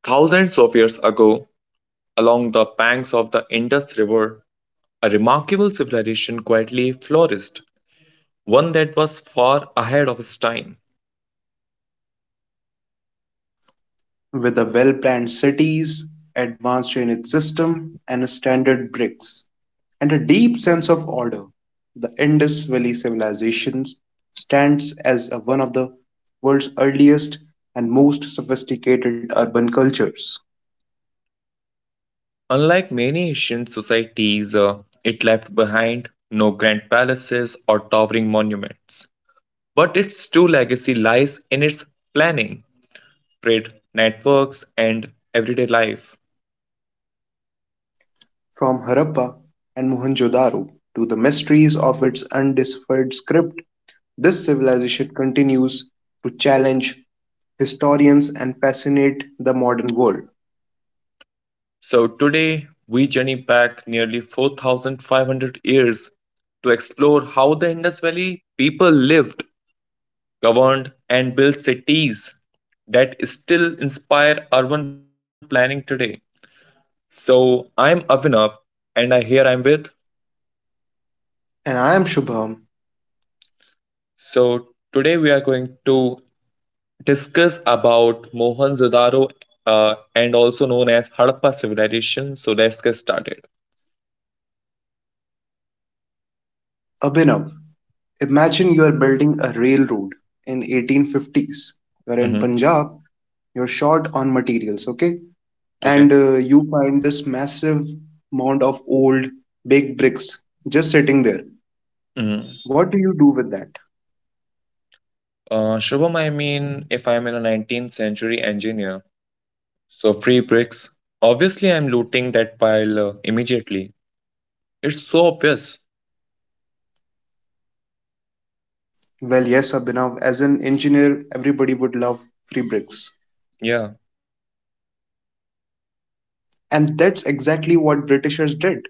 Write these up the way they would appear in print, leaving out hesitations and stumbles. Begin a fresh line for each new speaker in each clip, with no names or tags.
Thousands of years ago, along the banks of the Indus River, a remarkable civilization quietly flourished, one that was far ahead of its time.
With a well-planned cities, advanced drainage system, and standard bricks, and a deep sense of order, the Indus Valley civilization stands as one of the world's earliest and most sophisticated urban cultures.
Unlike many ancient societies, it left behind no grand palaces or towering monuments. But its true legacy lies in its planning, trade networks, and everyday life.
From Harappa and Mohenjo-daro to the mysteries of its undeciphered script, this civilization continues to challenge historians and fascinate the modern world.
So today we journey back nearly 4,500 years to explore how the Indus Valley people lived, governed, and built cities that still inspire urban planning today. So I'm Avinav and I here I'm with.
And I am Shubham.
So today we are going to discuss about Mohenjo-daro and also known as Harappa civilization. So let's get started.
Abhinav, imagine you are building a railroad in 1850s. You're in
Mhm.
Punjab. You're short on materials, okay? And
Okay.
you find this massive mound of old big bricks just sitting there.
Mhm.
What do you do with that?
Shubham, I mean, if I'm in a 19th century engineer, so free bricks, obviously I'm looting that pile immediately. It's so obvious.
Well, yes, Abhinav. As an engineer, everybody would love free bricks,
Yeah.
and that's exactly what Britishers did.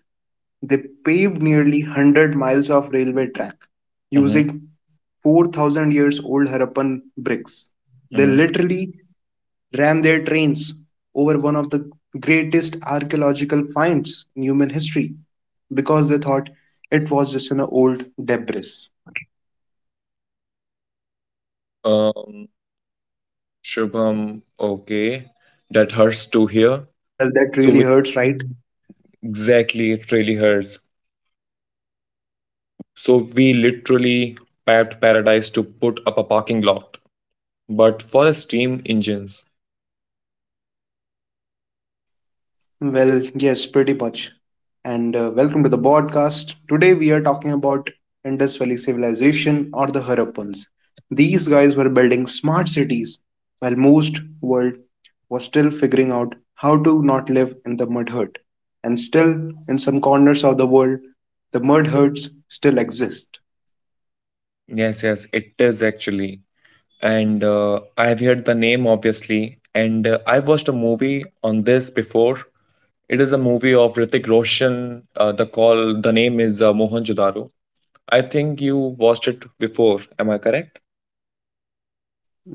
They paved nearly 100 miles of railway track
Mm-hmm.
using 4,000 years old Harappan bricks. They
Mm-hmm.
literally ran their trains over one of the greatest archaeological finds in human history because they thought it was just an old debris.
Um, Shubham, okay. That hurts to hear.
Well, that
So
really
we,
hurts, right?
exactly, it really hurts. So we literally paved paradise to put up a parking lot, but for steam engines.
Well, yes, pretty much. And welcome to the podcast. Today we are talking about Indus Valley Civilization or the Harappans. These guys were building smart cities while most world was still figuring out how to not live in the mud hut. And still in some corners of the world, the mud huts still exist.
Yes, yes, it is actually. And I have heard the name obviously. And I've watched a movie on this before. It is a movie of Ritik Roshan. The name is Mohanjodaro. I think you watched it before. Am I correct?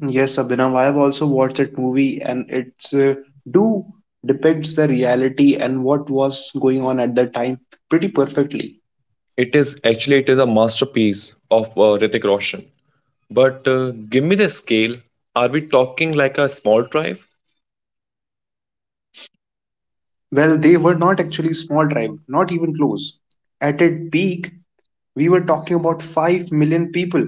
Yes, Abhinav, I have also watched that movie and it's do depicts the reality and what was going on at that time pretty perfectly.
It is actually it is a masterpiece of Ritik Roshan. But give me the scale. Are we talking like a small tribe?
Well, they were not actually small tribe, not even close. At its peak, we were talking about 5 million people.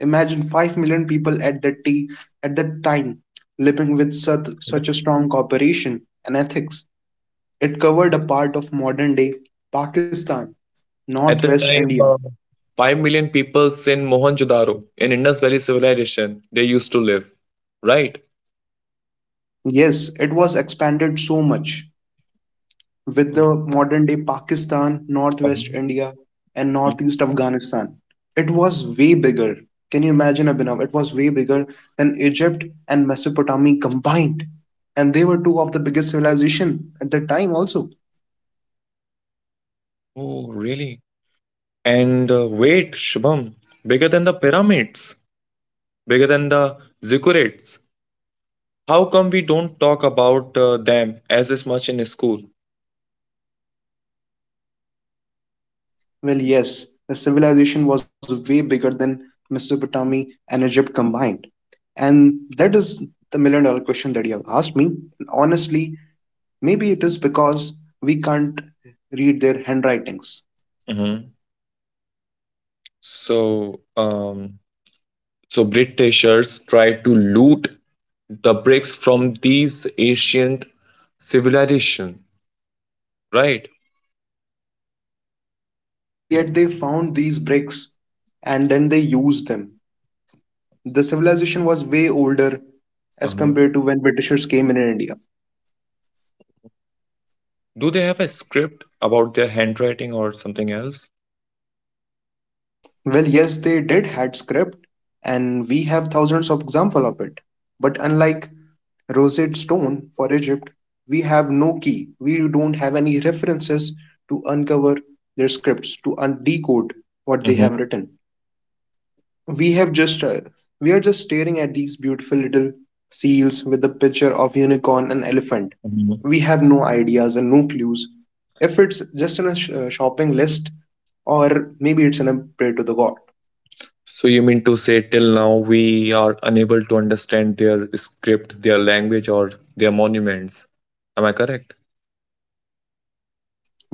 Imagine 5 million people at that time living with such a strong cooperation and ethics. It covered a part of modern day Pakistan,
At the
northwest
time,
India.
5 million people in Mohenjo-daro in Indus Valley civilization, they used to live, right?
Yes, it was expanded so much. With the modern day Pakistan, northwest
Mhm.
India, and
Mm.
northeast Afghanistan. It was way bigger. Can you imagine, Abhinav? It was way bigger than Egypt and Mesopotamia combined. And they were two of the biggest civilization at the time also.
Oh, really? And wait, Shubham, bigger than the pyramids, bigger than the ziggurats. How come we don't talk about them as much in school?
Well, yes, the civilization was way bigger than Mesopotamia and Egypt combined. And that is the million dollar question that you have asked me. And honestly, maybe it is because we can't read their handwritings.
Hmm So, so Britishers tried to loot the bricks from these ancient civilization, right?
Well, yet they found these bricks and then they used them. The civilization was way older as
Uh-huh.
compared to when Britishers came in India.
Do they have a script about their handwriting or something else?
Well, yes, they did had script and we have thousands of example of it. But unlike Rosette Stone for Egypt, we have no key. We don't have any references to uncover their scripts, to decode what they have written. we have just uh, we are just staring at these beautiful little seals with the picture of unicorn and elephant.
Mm-hmm.
We have no ideas and no clues if it's just in a shopping list or maybe it's in a prayer to the god.
So you mean to say till now we are unable to understand their script, their language, or their monuments? Am I correct?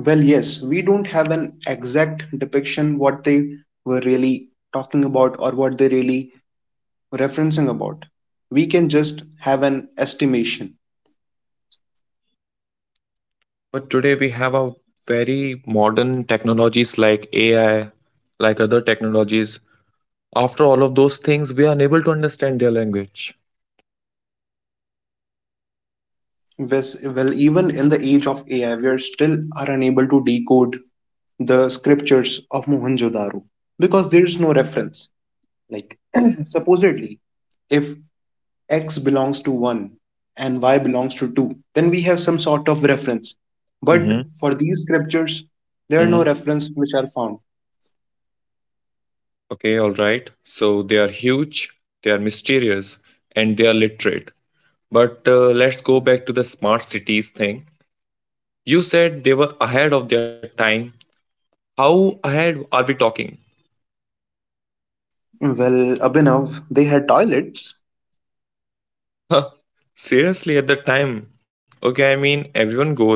Well, yes, we don't have an exact depiction what they were really talking about or what they really referencing about. We can just have an estimation.
But today we have a very modern technologies like AI, like other technologies. After all of those things, we are unable to understand their language.
Well, even in the age of AI, we are still are unable to decode the scriptures of Mohenjo-daro because there is no reference. Like supposedly, if x belongs to 1 and y belongs to 2, then we have some sort of reference. But
Mm-hmm.
for these scriptures, there are no
Mm-hmm.
references which are found.
Okay, all right. So they are huge, they are mysterious, and they are literate. But let's go back to the smart cities thing. You said they were ahead of their time. How ahead are we talking?
Well, Abhinav, they had toilets.
Huh, seriously, at the time. Okay, I mean, everyone goes.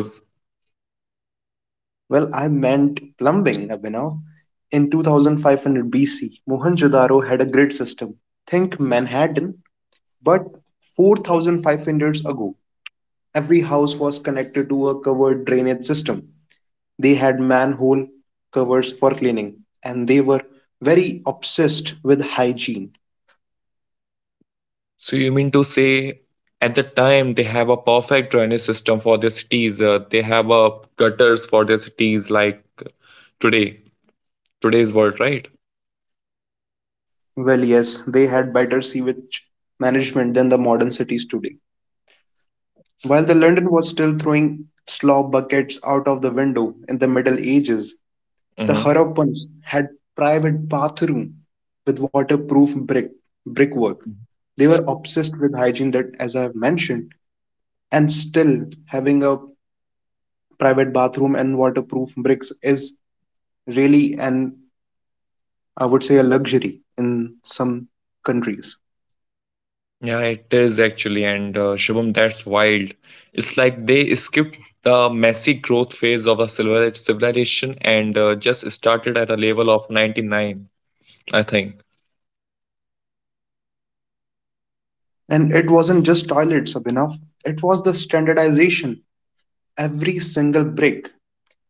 Well, I meant plumbing, Abhinav. In 2500 BC, Mohenjo-daro had a grid system. Think Manhattan, but 4,500 years ago. Every house was connected to a covered drainage system. They had manhole covers for cleaning, and they were very obsessed with hygiene.
So, you mean to say at the time they have a perfect drainage system for their cities? They have gutters for their cities like today, today's world, right?
Well, yes, they had better sewage management than the modern cities today. While the London was still throwing slaw buckets out of the window in the Middle Ages, the
hmm
Harappans had private bathroom with waterproof brickwork. They were obsessed with hygiene that, as I have mentioned, and still having a private bathroom and waterproof bricks is really an I would say a luxury in some countries.
Yeah, it is actually. And Shubham, that's wild. It's like they skipped the messy growth phase of a civilization and just started at a level of 99, I think.
And it wasn't just toilets, Abhinav. It was the standardization. Every single brick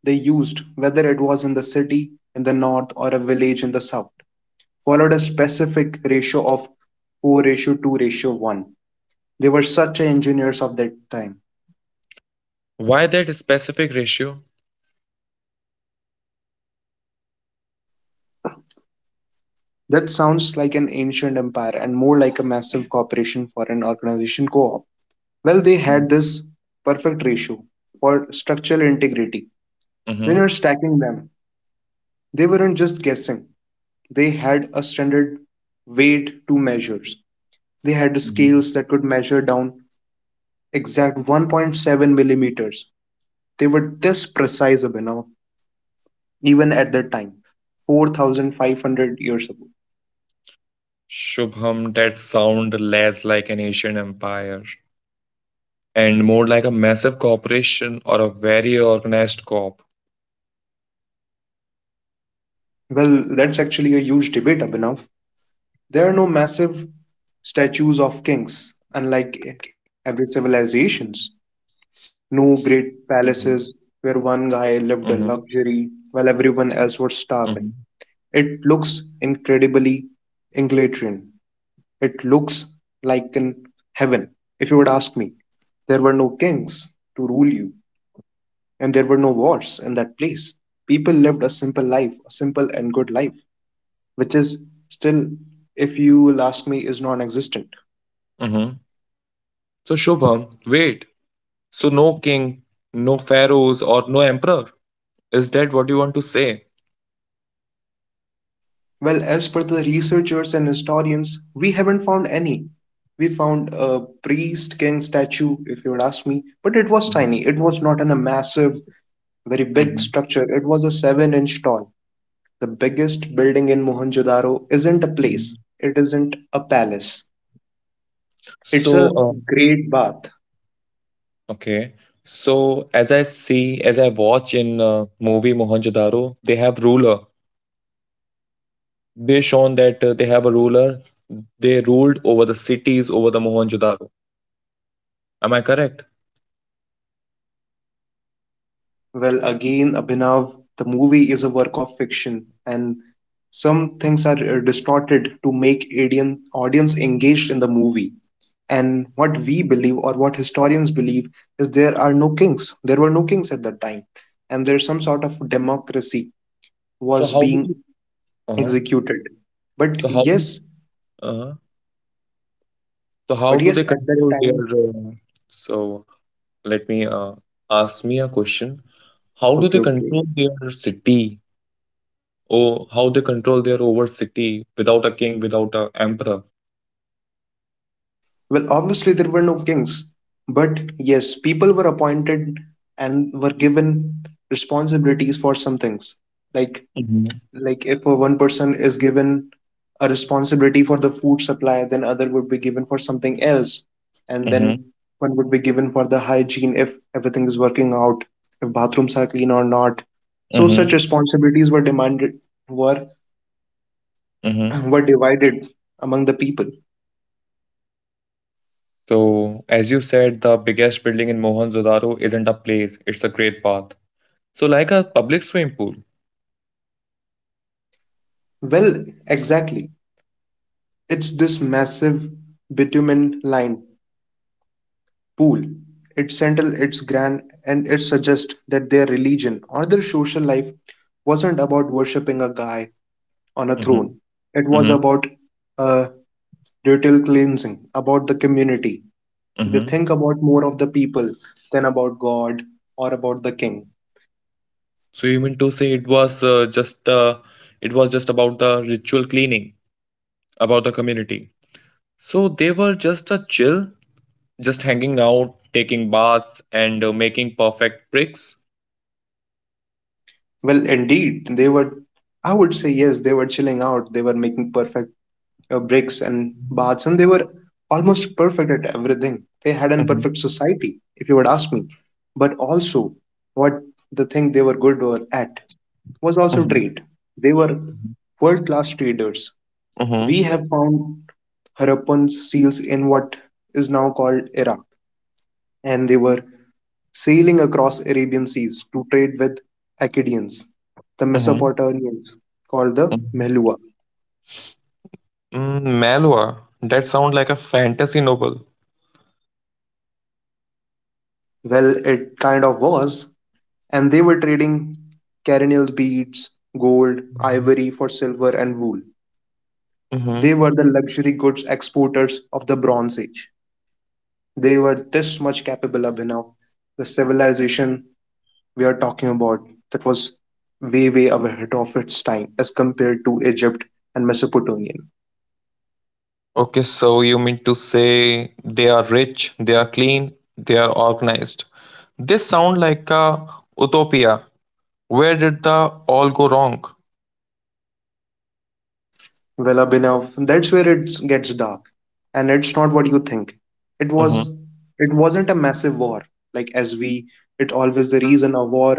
they used, whether it was in the city in the north or a village in the south, followed a specific ratio of 4 ratio 2 ratio 1. They were such engineers of that time.
Why that specific ratio?
That sounds like an ancient empire and more like a massive corporation for an organization co op. Well, they
Hmm
had this perfect ratio for structural integrity. When you're stacking them, they weren't just guessing. They had a standard weight to measures. They had
Mhm.
scales that could measure down exact 1.7 millimeters. They were this precise enough, even at that time, 4,500 years ago.
Shubham, that sound less like an Asian empire and more like a massive corporation or a very organized corp.
Well, that's actually a huge debate, Abhinav. There are no massive statues of kings, unlike every civilizations. No
Mhm.
great palaces where one
Mhm,
guy lived in luxury while everyone
mhm,
else was starving. It looks incredibly egalitarian. It looks like in heaven, if you would ask me. There were no kings to rule you, and there were no wars in that place. People lived a simple life, a simple and good life, which is still, if you will ask me, is non existent.
mhm. So Shubham, wait. So no king, no pharaohs, or no emperor. Is that what you want to say?
Well, as per the researchers and historians, we haven't found any. We found a priest king statue, if you would ask me, but it was
Mhm.
tiny. It was not in a massive, very big
Mhm.
structure. It was a 7-inch tall. The biggest building in Mohenjo-daro isn't a
Mhm.
place, it isn't a palace. It's a
So,
great bath.
okay. So as I see, as I watch in movie Mohenjo-daro, they have they shown that they have a ruler. They ruled over the cities over the mohenjo-daro, am I correct?
Well, again, Abhinav, the movie is a work of fiction, and some things are distorted to make Indian audience engaged in the movie. And what we believe or what historians believe is there were no kings at that time. And there's some sort of democracy
so
was
how do they,
being
uh-huh.
executed. but
so how do,
yes
uh-huh. So how
but
do
yes
they
at that
control their
time.
so let me ask me a question, how do they
Okay, okay.
control their city or how they control their over city without a king, without a emperor?
Well, obviously, there were no kings, but yes, people were appointed and were given responsibilities for some things, like
Hmm
like if a one person is given a responsibility for the food supply, then other would be given for something else. And then
hmm
one would be given for the hygiene, if everything is working out, if bathrooms are clean or not. So such
hmm
responsibilities were demanded, were
hmm
were divided among the people.
so as you said, the biggest building in mohenjo-daro isn't a place, it's a great path. So like a public swimming pool.
Well, exactly, it's this massive bitumen line pool, its central, its grand, and it suggests that their religion or their social life wasn't about worshipping a guy on a
Mhm.
throne. It was
Mhm.
about uh, ritual cleansing, about the community. They
Mhm.
think about more of the people than about God or about the king.
So you mean to say it was just it was just about the ritual cleaning about the community. So they were just a chill, just hanging out, taking baths, and making perfect bricks.
Well, indeed, they were, I would say, yes, they were chilling out, they were making perfect bricks and baths, and they were almost perfect at everything. They had an
Mhm.
perfect society, if you would ask me. But also, what the thing they were good were at was also
Mhm.
trade. They were world class traders. We
Mhm.
have found Harappan's seals in what is now called Iraq, and they were sailing across Arabian seas to trade with Akkadians, the
Mhm.
Mesopotamians, called the
Mhm.
Mehlua.
Mm, Malwa, that sounds like a fantasy novel.
Well, it kind of was. And they were trading carinal beads, gold, ivory for silver and wool. They
Hmm
were the luxury goods exporters of the Bronze Age. They were this much capable, of Abhinav. The civilization we are talking about that was way, way ahead of its time as compared to Egypt and Mesopotamia.
Okay, so you mean to say they are rich, they are clean, they are organized. This sound like a utopia. Where did the all go wrong?
Well, Abhinav, that's where it gets dark, and it's not what you think. It
Mm-hmm.
was, it wasn't a massive war like as we. It always the reason a war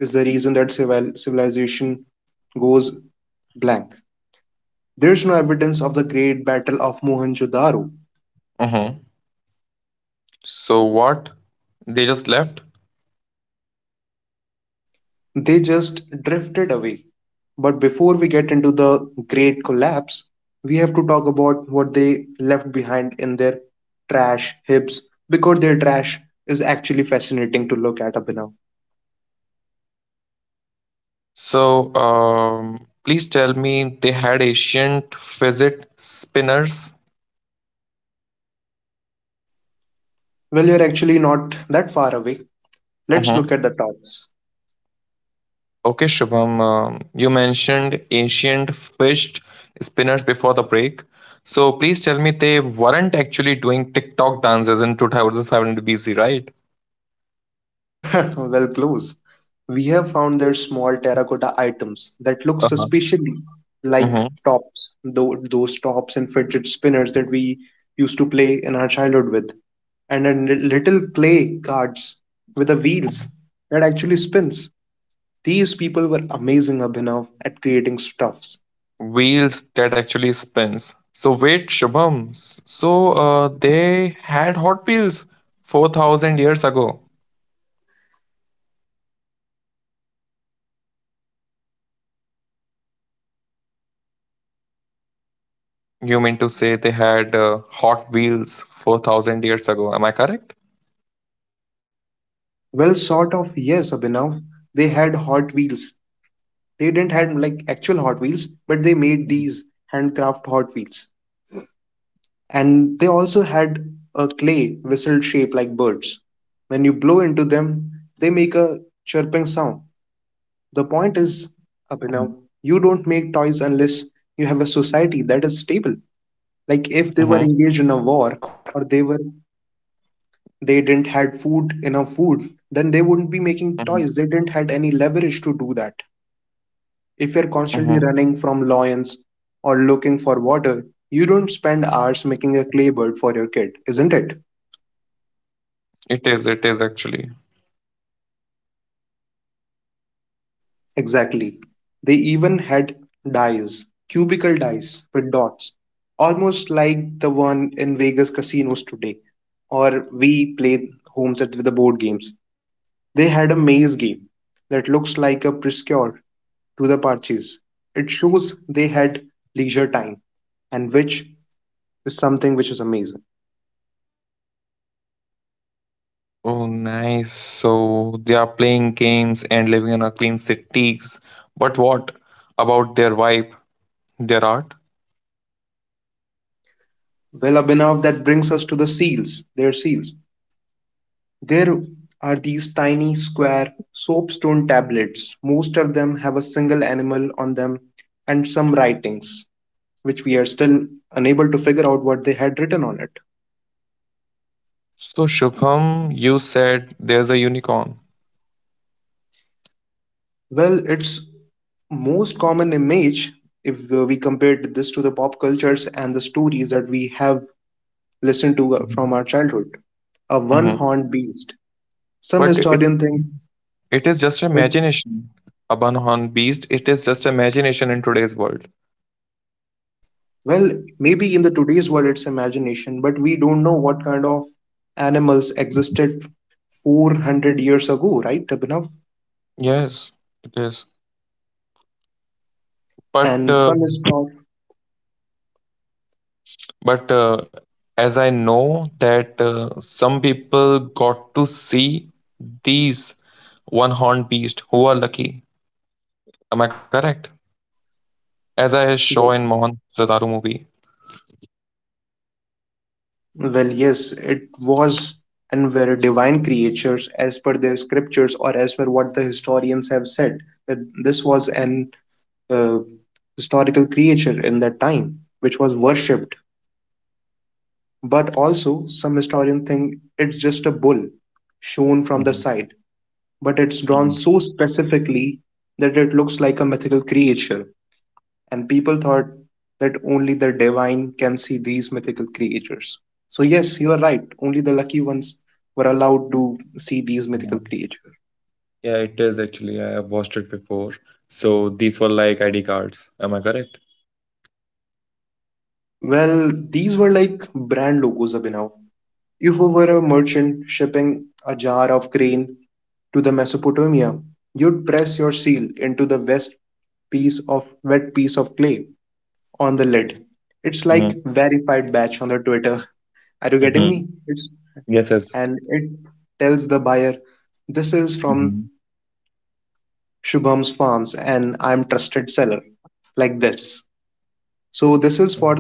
is the reason that civilization goes blank. There's no evidence of the Great Battle of Mohenjo-daro.
Mm-hmm. So what? They just left?
They just drifted away. But before we get into the great collapse, we have to talk about what they left behind in their trash heaps because their trash is actually fascinating to look at, Abhinav.
So please tell me they had ancient fidget spinners.
Well, you're actually not that far away. Let's
Mm-hmm.
look at the tops.
Okay, Shubham. You mentioned ancient fidget spinners before the break. So please tell me they weren't actually doing TikTok dances in 2007 BC, right?
Well, close. We have found their small terracotta items that look
Uh-huh.
suspiciously like
Mm-hmm.
tops, those tops and fidget spinners that we used to play in our childhood with, and then little clay cards with the wheels that actually spins. These people were amazing, Abhinav, at creating stuffs.
Wheels that actually spins. So wait, Shubham, they had Hot Wheels 4,000 years ago. You mean to say they had Hot Wheels 4,000 years ago? Am I correct?
Well, sort of, yes, Abhinav. They had Hot Wheels. They didn't have like actual Hot Wheels, but they made these handcraft Hot Wheels. And they also had a clay whistle shaped like birds. When you blow into
Mm-hmm.
them, they make a chirping sound. The point is,
Mm-hmm.
Abhinav, you don't make toys unless you have a society that is stable. Like if they were
Mm-hmm.
engaged in a war or they didn't had food enough food, then they wouldn't be making
Mm-hmm.
toys. They didn't had any leverage to do that. If you're
Mm-hmm.
constantly running from lions or looking for water, you don't spend hours making a clay bird for your kid, isn't it?
It is actually.
Exactly. They even had dice, cubicle dice with dots, almost like the one in Vegas casinos today, or we play homes at with the board games. They had a maze game that looks like a precursor to the Parches. It shows they had leisure time, and which is something which is amazing.
Oh, nice. So they are playing games and living in a clean cities. But what about their vibe, their art?
Well, Abhinav, that brings us to the seals, their seals. There are these tiny, square, soapstone tablets. Most of them have a single animal on them and some writings, which we are still unable to figure out what they had written on it.
So, Shubham, you said there's a unicorn.
Well, its most common image, if we compared this to the pop cultures and the stories that we have listened to
Mhm,
from our childhood, a one
mhm.
horned beast. Some
But it
historians think
it is just
it.
imagination. A Bunhorn beast, it is just imagination in today's world.
Well, maybe in the today's world it's imagination, but we don't know what kind of animals existed 400 years ago, right, Abhinav?
Yes, it is. But
And
uh,
some is thought,
but as I know that some people got to see these one horned beast who are lucky. Am I correct? As I saw
well,
in Mohan Radaru movie.
well, yes, it was and were divine creatures as per their scriptures or as per what the historians have said, that this was an uh, historical creature in that time, which was worshipped. But also, some historian think it's just a bull shown from the
Mhm,
side, but it's drawn
mhm,
so specifically that it looks like a mythical creature, and people thought that only the divine can see these mythical creatures. So, yes, you are right, only the lucky ones were allowed to see these mythical
uh-huh.
creatures.
Yeah, it is actually. I have watched it before. So these were like ID cards. Am I correct?
Well, these were like brand logos, Abhinav. If you were a merchant shipping a jar of grain to the Mesopotamia, you'd press your seal into the west piece of wet piece of clay on the lid. It's like verified batch on the Twitter. Are you getting
Mm-hmm.
me? It's
Yes, yes.
and it tells the buyer this is from
Mhm.
Shubham's Farms and I'm trusted seller like this. So this is for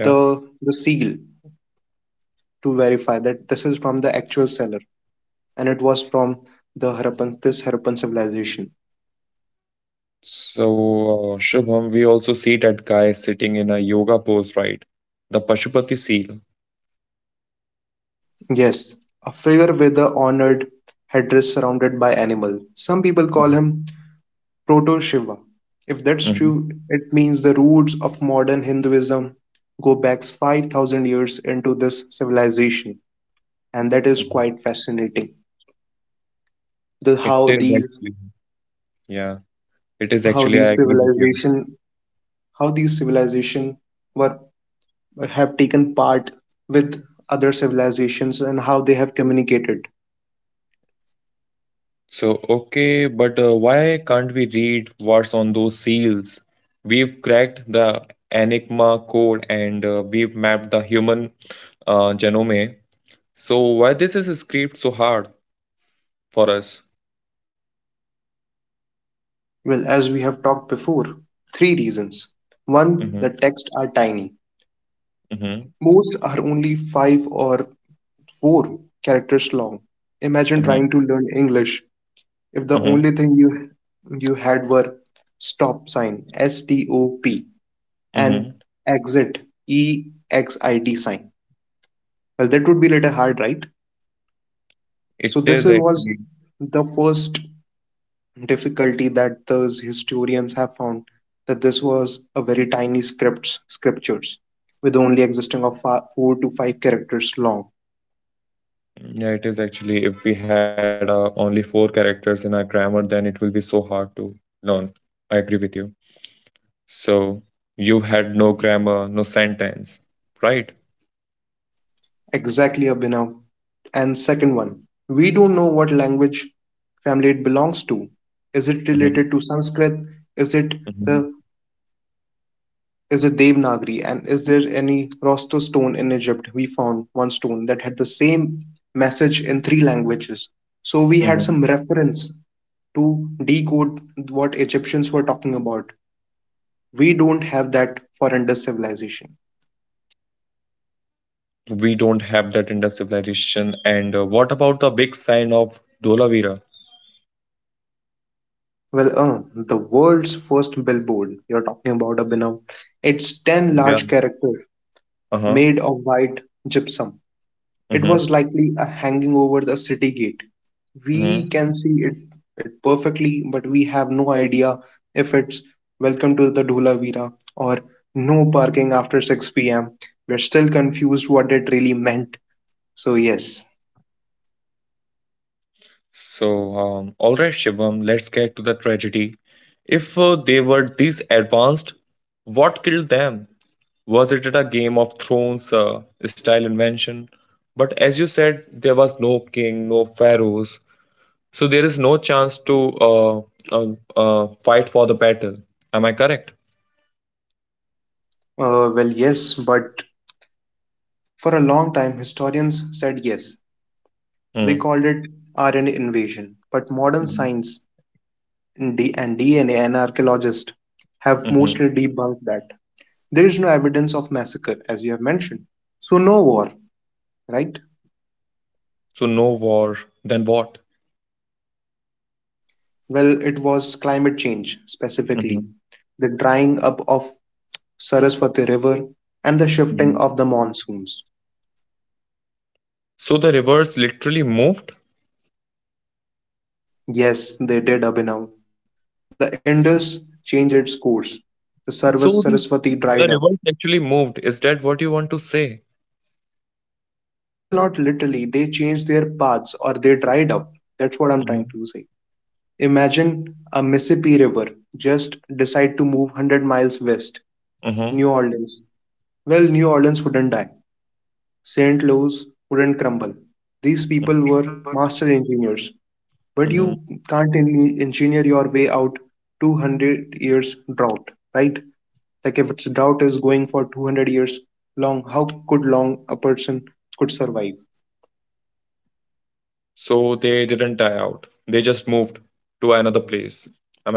Yeah.
the seal to verify that this is from the actual seller and it was from the Harappan civilization.
So, Shubham, we also see that guy sitting in a yoga pose, right? The Pashupati seal.
Yes, a figure with the honored headdress surrounded by animal. Some people call him proto-Shiva. If that's
Mhm.
true, it means the roots of modern Hinduism go back 5000 years into this civilization and that is quite fascinating. The
It
how
is
these
actually, yeah, it is
how
actually, I
these
agree with you.
civilization how these civilization were have taken part with other civilizations and how they have communicated.
So, okay, but why can't we read what's on those seals? We've cracked the Enigma code and we've mapped the human genome. So, why this is script so hard for us?
Well, as we have talked before, three reasons.
Mm-hmm,
One, the texts are tiny.
mm-hmm,
Most are only 5 or four characters long. Imagine trying to learn English if the
mm-hmm,
only thing you had were stop sign STOP and
mhm.
exit EXIT sign. Well, that would be little hard, right? So
It is
was
actually,
the first difficulty that those historians have found that this was a very tiny scripts scriptures with only existing of four to five characters long.
yeah, it is actually. If we had only four characters in our grammar, then it will be so hard to learn. I agree with you. So you've had no grammar, no sentence, right?
Exactly, Abhinav. And second one, we don't know what language family it belongs to. Is it
hmm
related to Sanskrit? Is it
hmm
the, is it Devanagari? And is there any Rosto stone in Egypt? We found one stone that had the same message in three languages. So we had
hmm
some reference to decode what Egyptians were talking about. We don't have that for Indus civilization.
We don't have that in the civilization. And what about the big sign of Dolavira?
Well, the world's first billboard you're talking about, Abhinav. It's 10
Yeah.
large characters
Uh-huh.
made of white gypsum. It
Mm-hmm.
was likely a hanging over the city gate.
Mm-hmm.
We can see it, it perfectly, but we have no idea if it's welcome to the Dhulavira or no parking after 6 pm. We're still confused what it really meant. So, yes.
So, all right, Shivam, let's get to the tragedy. If they were this advanced, what killed them? Was it a Game of Thrones style invention? But as you said, there was no king, no pharaohs, so there is no chance to uh, fight for the battle. Am I correct?
Well, yes, but for a long time, historians said yes. They
Mm.
called it RNA invasion, but modern
hmm
science and DNA and archaeologists have
hmm
mostly debunked that. There is no evidence of massacre, as you have mentioned. So, no war, right?
So no war. Then what?
Well, it was climate change, specifically
Hmm
the drying up of Saraswati River and the shifting
hmm
of the monsoons.
So the rivers literally moved.
Yes, they did, Abhinav. The Indus changed its course. The
So
Saraswati
the
dried up.
the rivers actually moved. Is that what you want to say?
Well, not literally. They changed their paths or they dried up. That's what I'm trying
Hmm
to say. Imagine a Mississippi River just decide to move 100 miles west.
Mm-hmm.
New Orleans. Well, New Orleans wouldn't die. St. Louis wouldn't crumble. These people were master engineers. But you can't engineer your way out 200 years drought, right? Like if it's drought is going for 200 years long, how could long a person could survive?
So they didn't die out. They just moved to another place. Am I correct?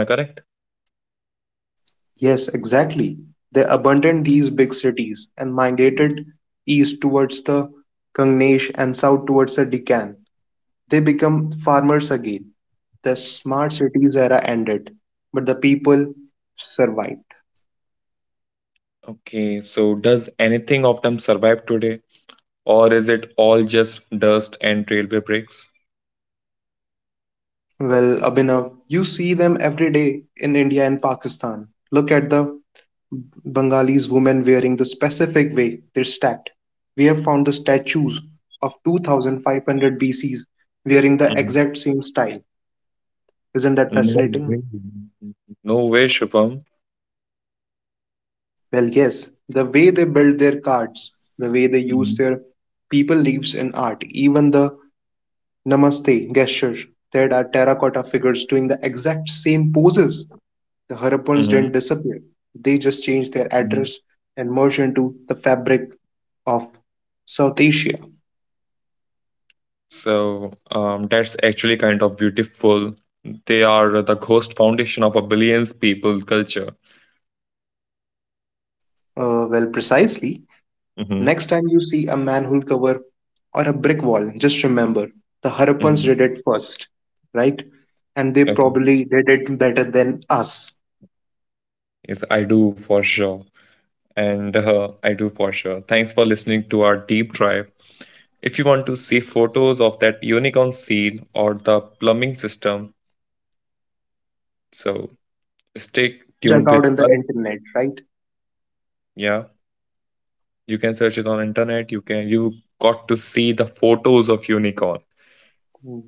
Yes, exactly. They abandoned these big cities and migrated east towards the Gangesh and south towards the Deccan. They become farmers again. The smart cities era ended, but the people survived.
Okay, so does anything of them survive today? Or is it all just dust and railway bricks?
Well, Abhinav, you see them every day in India and Pakistan. Look at the Bengalis women wearing the specific way they're stacked. We have found the statues of 2500 BCs wearing the
Mhm.
exact same style. Isn't that
No
fascinating?
way. No way, Shubham.
Well, yes, the way they build their cards, the way they use their people leaves in art, even the namaste gesture. There are terracotta figures doing the exact same poses. The
Hmm
Harappans didn't disappear, they just changed their address and merged into the fabric of South Asia.
So that's actually kind of beautiful. They are the ghost foundation of a billions people culture.
Well, precisely.
Mm-hmm.
Next time you see a manhole cover or a brick wall, just remember the Harappans
Mm-hmm.
did it first, right? And they
Okay.
probably did it better than us.
Yes, I do for sure. And I do for sure. Thanks for listening to our deep dive. If you want to see photos of that unicorn seal or the plumbing system, so stay
You can check
tuned
out
with
in the
us.
internet, right?
Yeah, you can search it on internet. You can you got to see the photos of unicorn.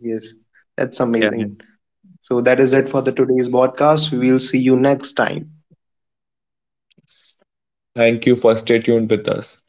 Yes, that's
Yeah.
amazing. So that is it for the today's podcast. We will see you next time.
Thank you for stay tuned with us.